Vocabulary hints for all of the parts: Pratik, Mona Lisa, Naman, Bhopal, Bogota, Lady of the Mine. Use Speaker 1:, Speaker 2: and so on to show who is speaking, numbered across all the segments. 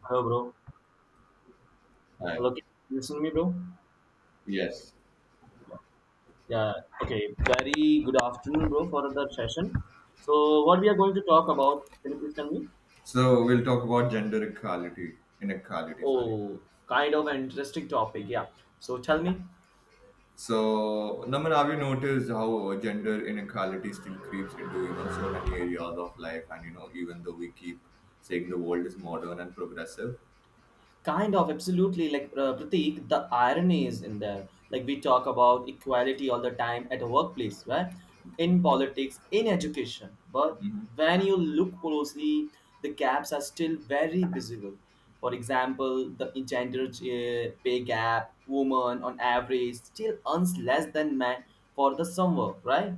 Speaker 1: Hello, bro.
Speaker 2: Right.
Speaker 1: Hello, can you listen to me, bro?
Speaker 2: Yes.
Speaker 1: Yeah. Yeah. Okay. Very good afternoon, bro, for the session. So, what we are going to talk about? Can you please tell me?
Speaker 2: So we'll talk about gender equality, inequality, sorry.
Speaker 1: Oh, kind of an interesting topic. Yeah. So, tell me.
Speaker 2: So, Naman, have you noticed how gender inequality still creeps into, you know, so many areas of life and, you know, even though we keep saying the world is modern and progressive?
Speaker 1: Kind of absolutely, like Pratik, the irony is in there. Like, we talk about equality all the time at the workplace, right? In politics, in education, but
Speaker 2: Hmm.
Speaker 1: when you look closely, the gaps are still very visible. For example, the gender pay gap, women on average still earns less than men for the same work, right?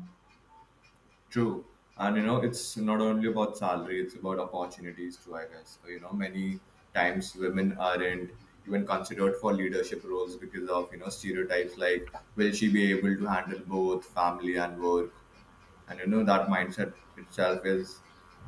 Speaker 2: True. And, you know, it's not only about salary, it's about opportunities too, I guess. So, you know, many times women aren't even considered for leadership roles because of, you know, stereotypes like, will she be able to handle both family and work? And you know that mindset itself is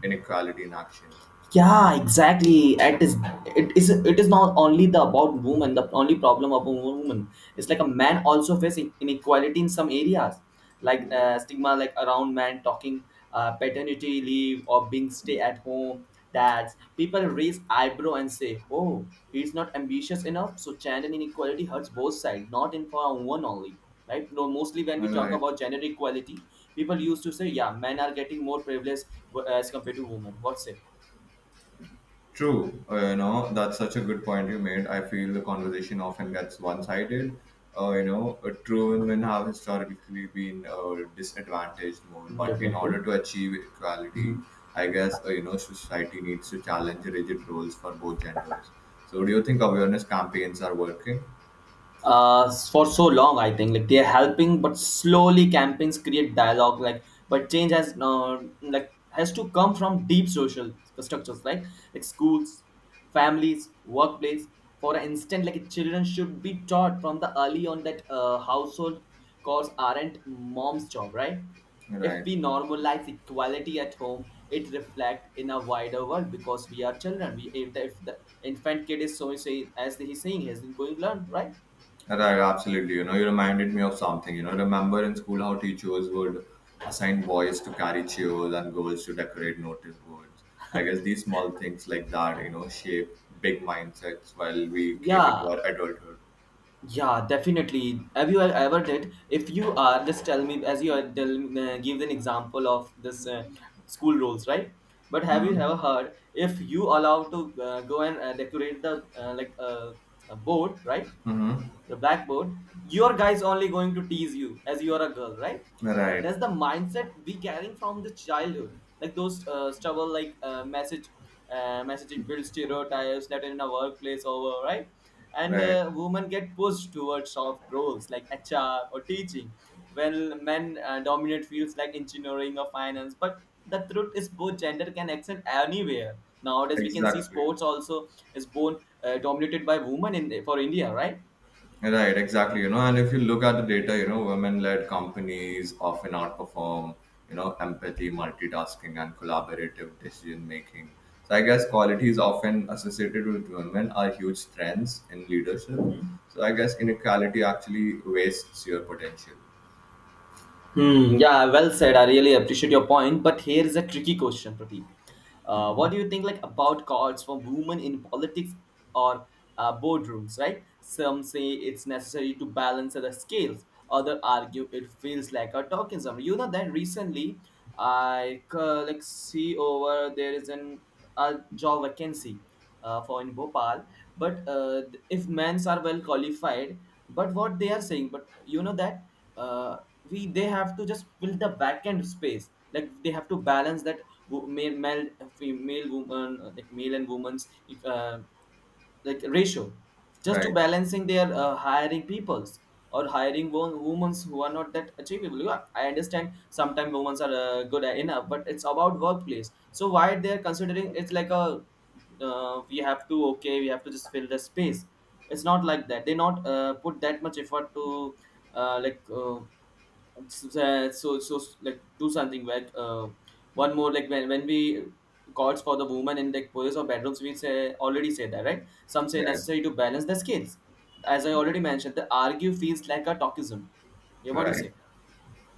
Speaker 2: inequality in action.
Speaker 1: Yeah, exactly. It is it is it is not only the about women, the only problem of a woman. It's like a man also facing inequality in some areas, like stigma, like around man talking paternity leave or being stay at home dads. People raise eyebrow and say, oh, he's not ambitious enough. So gender inequality hurts both sides, not in for one only, right? No, mostly when we
Speaker 2: All
Speaker 1: talk
Speaker 2: right.
Speaker 1: about gender equality, people used to say, yeah, men are getting more privilege as compared to women. What's it?
Speaker 2: True. You know, that's such a good point you made. I feel the conversation often gets one-sided. You know, true, women have historically been disadvantaged more,
Speaker 1: Mm,
Speaker 2: but in
Speaker 1: definitely.
Speaker 2: order to achieve equality,
Speaker 1: Mhm.
Speaker 2: I guess, you know, society needs to challenge rigid roles for both genders. So do you think awareness campaigns are working?
Speaker 1: For so long, I think, like, they're helping but slowly. Campaigns create dialogue, like, but change has like has to come from deep social structures, like schools, families, workplace. For instance, like children should be taught from the early on that household chores aren't mom's job, right? If
Speaker 2: Right.
Speaker 1: we normalize equality at home, it reflects in a wider world, because we are children. We, if the infant kid is so say, as he's saying, he's going to learn, right?
Speaker 2: Right, absolutely. You know, you reminded me of something. You know, remember in school how teachers would assign boys to carry chairs and girls to decorate notice boards. I guess these small things like that, you know, shape big mindsets while we came into
Speaker 1: Yeah,
Speaker 2: our adulthood.
Speaker 1: yeah, definitely. Have you ever did? If you are, just tell me. As you are, tell, give an example of this school rules, right? But have you
Speaker 2: Mm-hmm.
Speaker 1: ever heard if you allow to go and decorate the like a board, right? The blackboard, your guy is only going to tease you as you are a girl, right?
Speaker 2: Right,
Speaker 1: That's the mindset we carrying from the childhood. Like those stubble, like message, messaging build stereotypes that in a workplace over, right? And
Speaker 2: right,
Speaker 1: women get pushed towards soft roles like HR or teaching, while men dominate fields like engineering or finance, but the truth is both gender can extend anywhere. Nowadays we can see
Speaker 2: exactly.
Speaker 1: sports also is born dominated by women in for India,
Speaker 2: Right, exactly. You know, and if you look at the data, you know, women-led companies often outperform, you know, empathy, multitasking, and collaborative decision making. So I guess qualities often associated with women are huge strengths in leadership.
Speaker 1: right?
Speaker 2: So I guess inequality actually wastes your potential.
Speaker 1: Hmm. Yeah, well said. I really appreciate your point. But here is a tricky question, Pratik. What do you think, like, about cards for women in politics or boardrooms, right? Some say it's necessary to balance the scales. Others argue it feels like a tokenism. You know that recently I like see over there is an a job vacancy for in Bhopal. But if men's are well qualified, but what they are saying, but you know that uh, we they have to just fill the vacant space. Like they have to balance that male, male, female, woman, like male and women's uh, like ratio, just to
Speaker 2: Right,
Speaker 1: balancing their hiring peoples or hiring women who are not that achievable. You, I understand sometimes women are good enough, but it's about workplace. So why they are considering it's like a, we have to, okay, we have to just fill the space. It's not like that they not put that much effort to uh, like uh, it's, so like do something, like one more, like when we calls for the woman in like police or bedrooms, we say, already say that, right? Some say
Speaker 2: right,
Speaker 1: necessary to balance the scales. As I
Speaker 2: right,
Speaker 1: already mentioned, the argue feels like a talkism. Yeah, what do you
Speaker 2: right.
Speaker 1: say?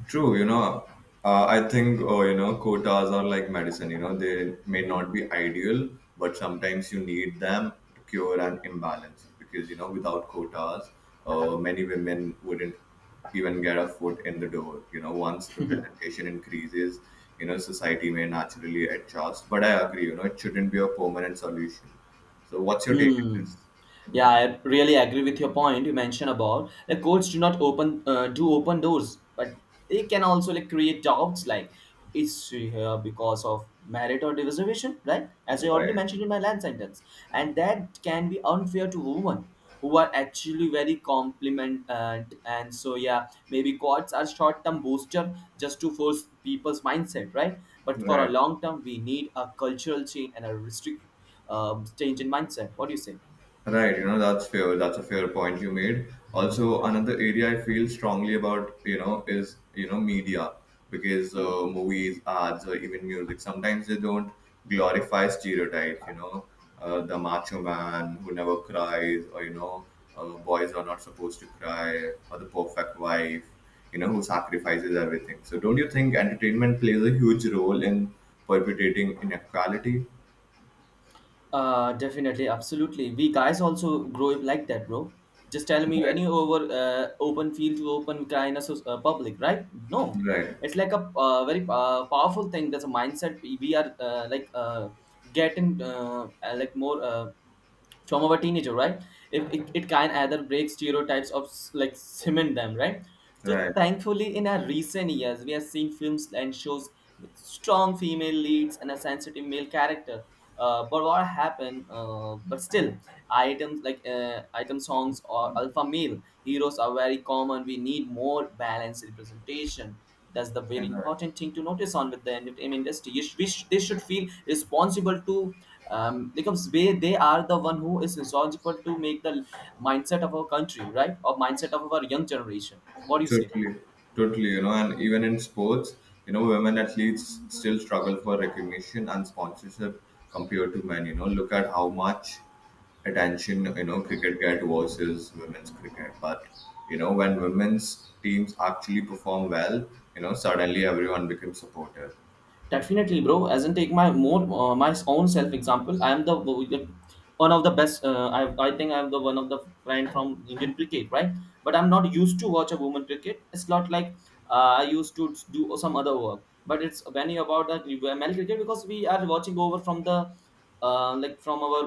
Speaker 2: True, you know, I think you know, quotas are like medicine. You know, they may not
Speaker 1: Mm-hmm.
Speaker 2: be ideal, but sometimes you need them to cure an imbalance because you know without quotas, many women wouldn't even get a foot in the door. You know, once representation increases, you know society may naturally adjust. But I agree, you know, it shouldn't be a permanent solution. So, what's your take on
Speaker 1: Hmm.
Speaker 2: this?
Speaker 1: Yeah, I really agree with your point you mentioned about the courts do not open do open doors, but they can also like create doubts, like it's here because of merit or reservation, right? As I already
Speaker 2: Right,
Speaker 1: mentioned in my last sentence, and that can be unfair to women who are actually very compliment and so, yeah, maybe courts are short term booster just to force people's mindset, right? But for a
Speaker 2: right.
Speaker 1: long term, we need a cultural change and a restrict change in mindset. What do you say?
Speaker 2: Right, you know, that's fair. That's a fair point you made. Also, another area I feel strongly about, you know, is, you know, media, because
Speaker 1: Hmm?
Speaker 2: movies, ads, or even music, sometimes they don't glorify stereotypes, you know, the macho man who never cries, or, you know, boys are not supposed to cry, or the perfect wife, you know, who sacrifices everything. So, don't you think entertainment plays a huge role in perpetuating inequality?
Speaker 1: Definitely, absolutely. We guys also grow up like that, bro. Just tell me
Speaker 2: Right,
Speaker 1: any over open field to open kind of public, right? No,
Speaker 2: right,
Speaker 1: it's like a very powerful thing. That's a mindset we are getting like more. From our teenager, right? if it, it can either break stereotypes of like cement them, right? So
Speaker 2: right.
Speaker 1: thankfully in our recent years, we have seen films and shows with strong female leads and a sensitive male character. But what happened, but still items like item songs or alpha male heroes are very common. We need more balanced representation. That's the very
Speaker 2: And
Speaker 1: important thing to notice on. With the entertainment industry, you sh- we sh- they should feel responsible to because they are the one who is responsible to make the mindset of our country, right? Or mindset of our young generation, what do you say?
Speaker 2: totally, totally. You know, and even in sports, you know, women athletes still struggle for recognition and sponsorship compared to men. You know, look at how much attention you know cricket get versus women's cricket. But you know, when women's teams actually perform well, you know, suddenly everyone becomes supportive.
Speaker 1: Definitely, bro. As in, take my more my own self example. I am the one of the best. I think I'm the one of the friend from Indian cricket, right? But I'm not used to watch a woman cricket. It's not like I used to do some other work. But it's when you about that, you were male cricket, because we are watching over from the like from our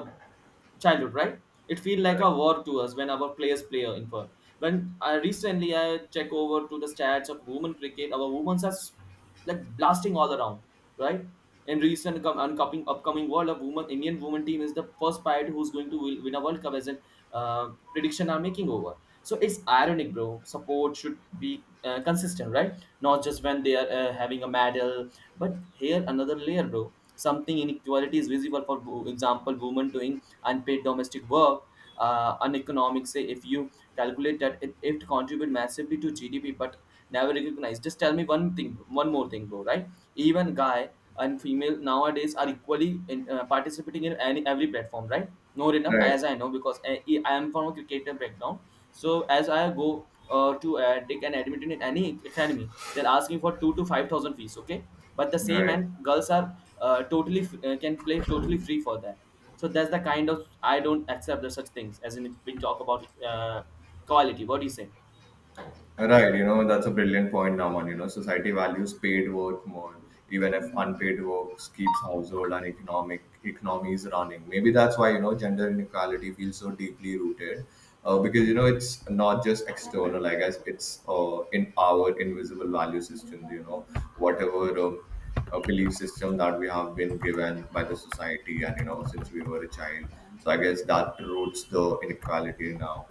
Speaker 1: childhood, right? It feel like a war to us when our players play in for. When I recently I check over to the stats of women cricket, our women are like blasting all around, right? In recent upcoming World of Women, Indian women team is the first player who's going to win a World Cup as an prediction I'm making over. So it's ironic, bro. Support should be consistent, right? Not just when they are having a medal, but here another layer, bro. Something inequality is visible. For example, women doing unpaid domestic work, uneconomic. Say if you calculate that, it contribute massively to GDP, but never recognized. Just tell me one thing, one more thing, bro. Right? Even guy and female nowadays are equally in, participating in any every platform, right? Not enough,
Speaker 2: Right,
Speaker 1: as I know, because I am from a cricketer background. So as I go to take an admission in any academy, they're asking for 2 to 5,000 fees, okay? But the same,
Speaker 2: right.
Speaker 1: and girls are totally can play totally free for that. So that's the kind of, I don't accept the such things as in we talk about quality. What do you say?
Speaker 2: Right, you know, that's a brilliant point, Naman. You know, society values paid work more, even if
Speaker 1: Hmm.
Speaker 2: unpaid work keeps household and economic economies running. Maybe that's why, you know, gender inequality feels so deeply rooted. Because you
Speaker 1: Mhm.
Speaker 2: know it's not just external. I guess it's in our invisible value systems, you know, whatever belief system that we have been given by the society, and you know since we were a child. So I guess that roots the inequality now.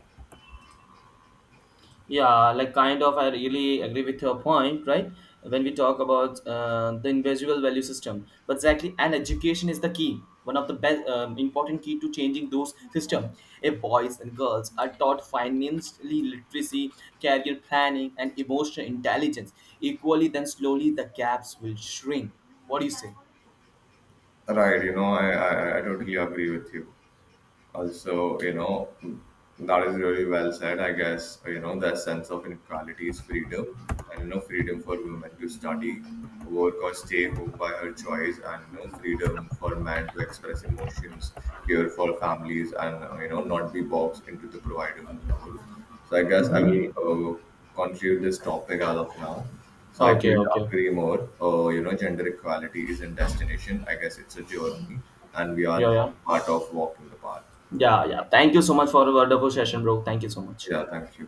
Speaker 1: Yeah, like kind of, I really agree with your point, right? When we talk about the invisible value system, but exactly, and education is the key, one of the best important key to changing those system. If boys and girls are taught financially literacy, career planning, and emotional intelligence equally, then slowly the gaps will shrink. What do you say?
Speaker 2: Right, you know, I totally agree with you. Also, you know, that is really well said. I guess, you know, the sense of inequality is freedom and, you know, freedom for women to study, work, or stay home by her choice, and, you know, freedom for men to express emotions, care for families, and, you know, not be boxed into the provider role. So, I guess I
Speaker 1: Hmm.
Speaker 2: will conclude this topic as of now. So I
Speaker 1: Okay,
Speaker 2: couldn't
Speaker 1: okay,
Speaker 2: agree more. You know, gender equality is not destination. I guess it's a journey, and we are
Speaker 1: yeah,
Speaker 2: all
Speaker 1: yeah,
Speaker 2: part of walking the path.
Speaker 1: yeah, yeah. Thank you so much for a wonderful session, bro. Thank you so much.
Speaker 2: Yeah, thank you.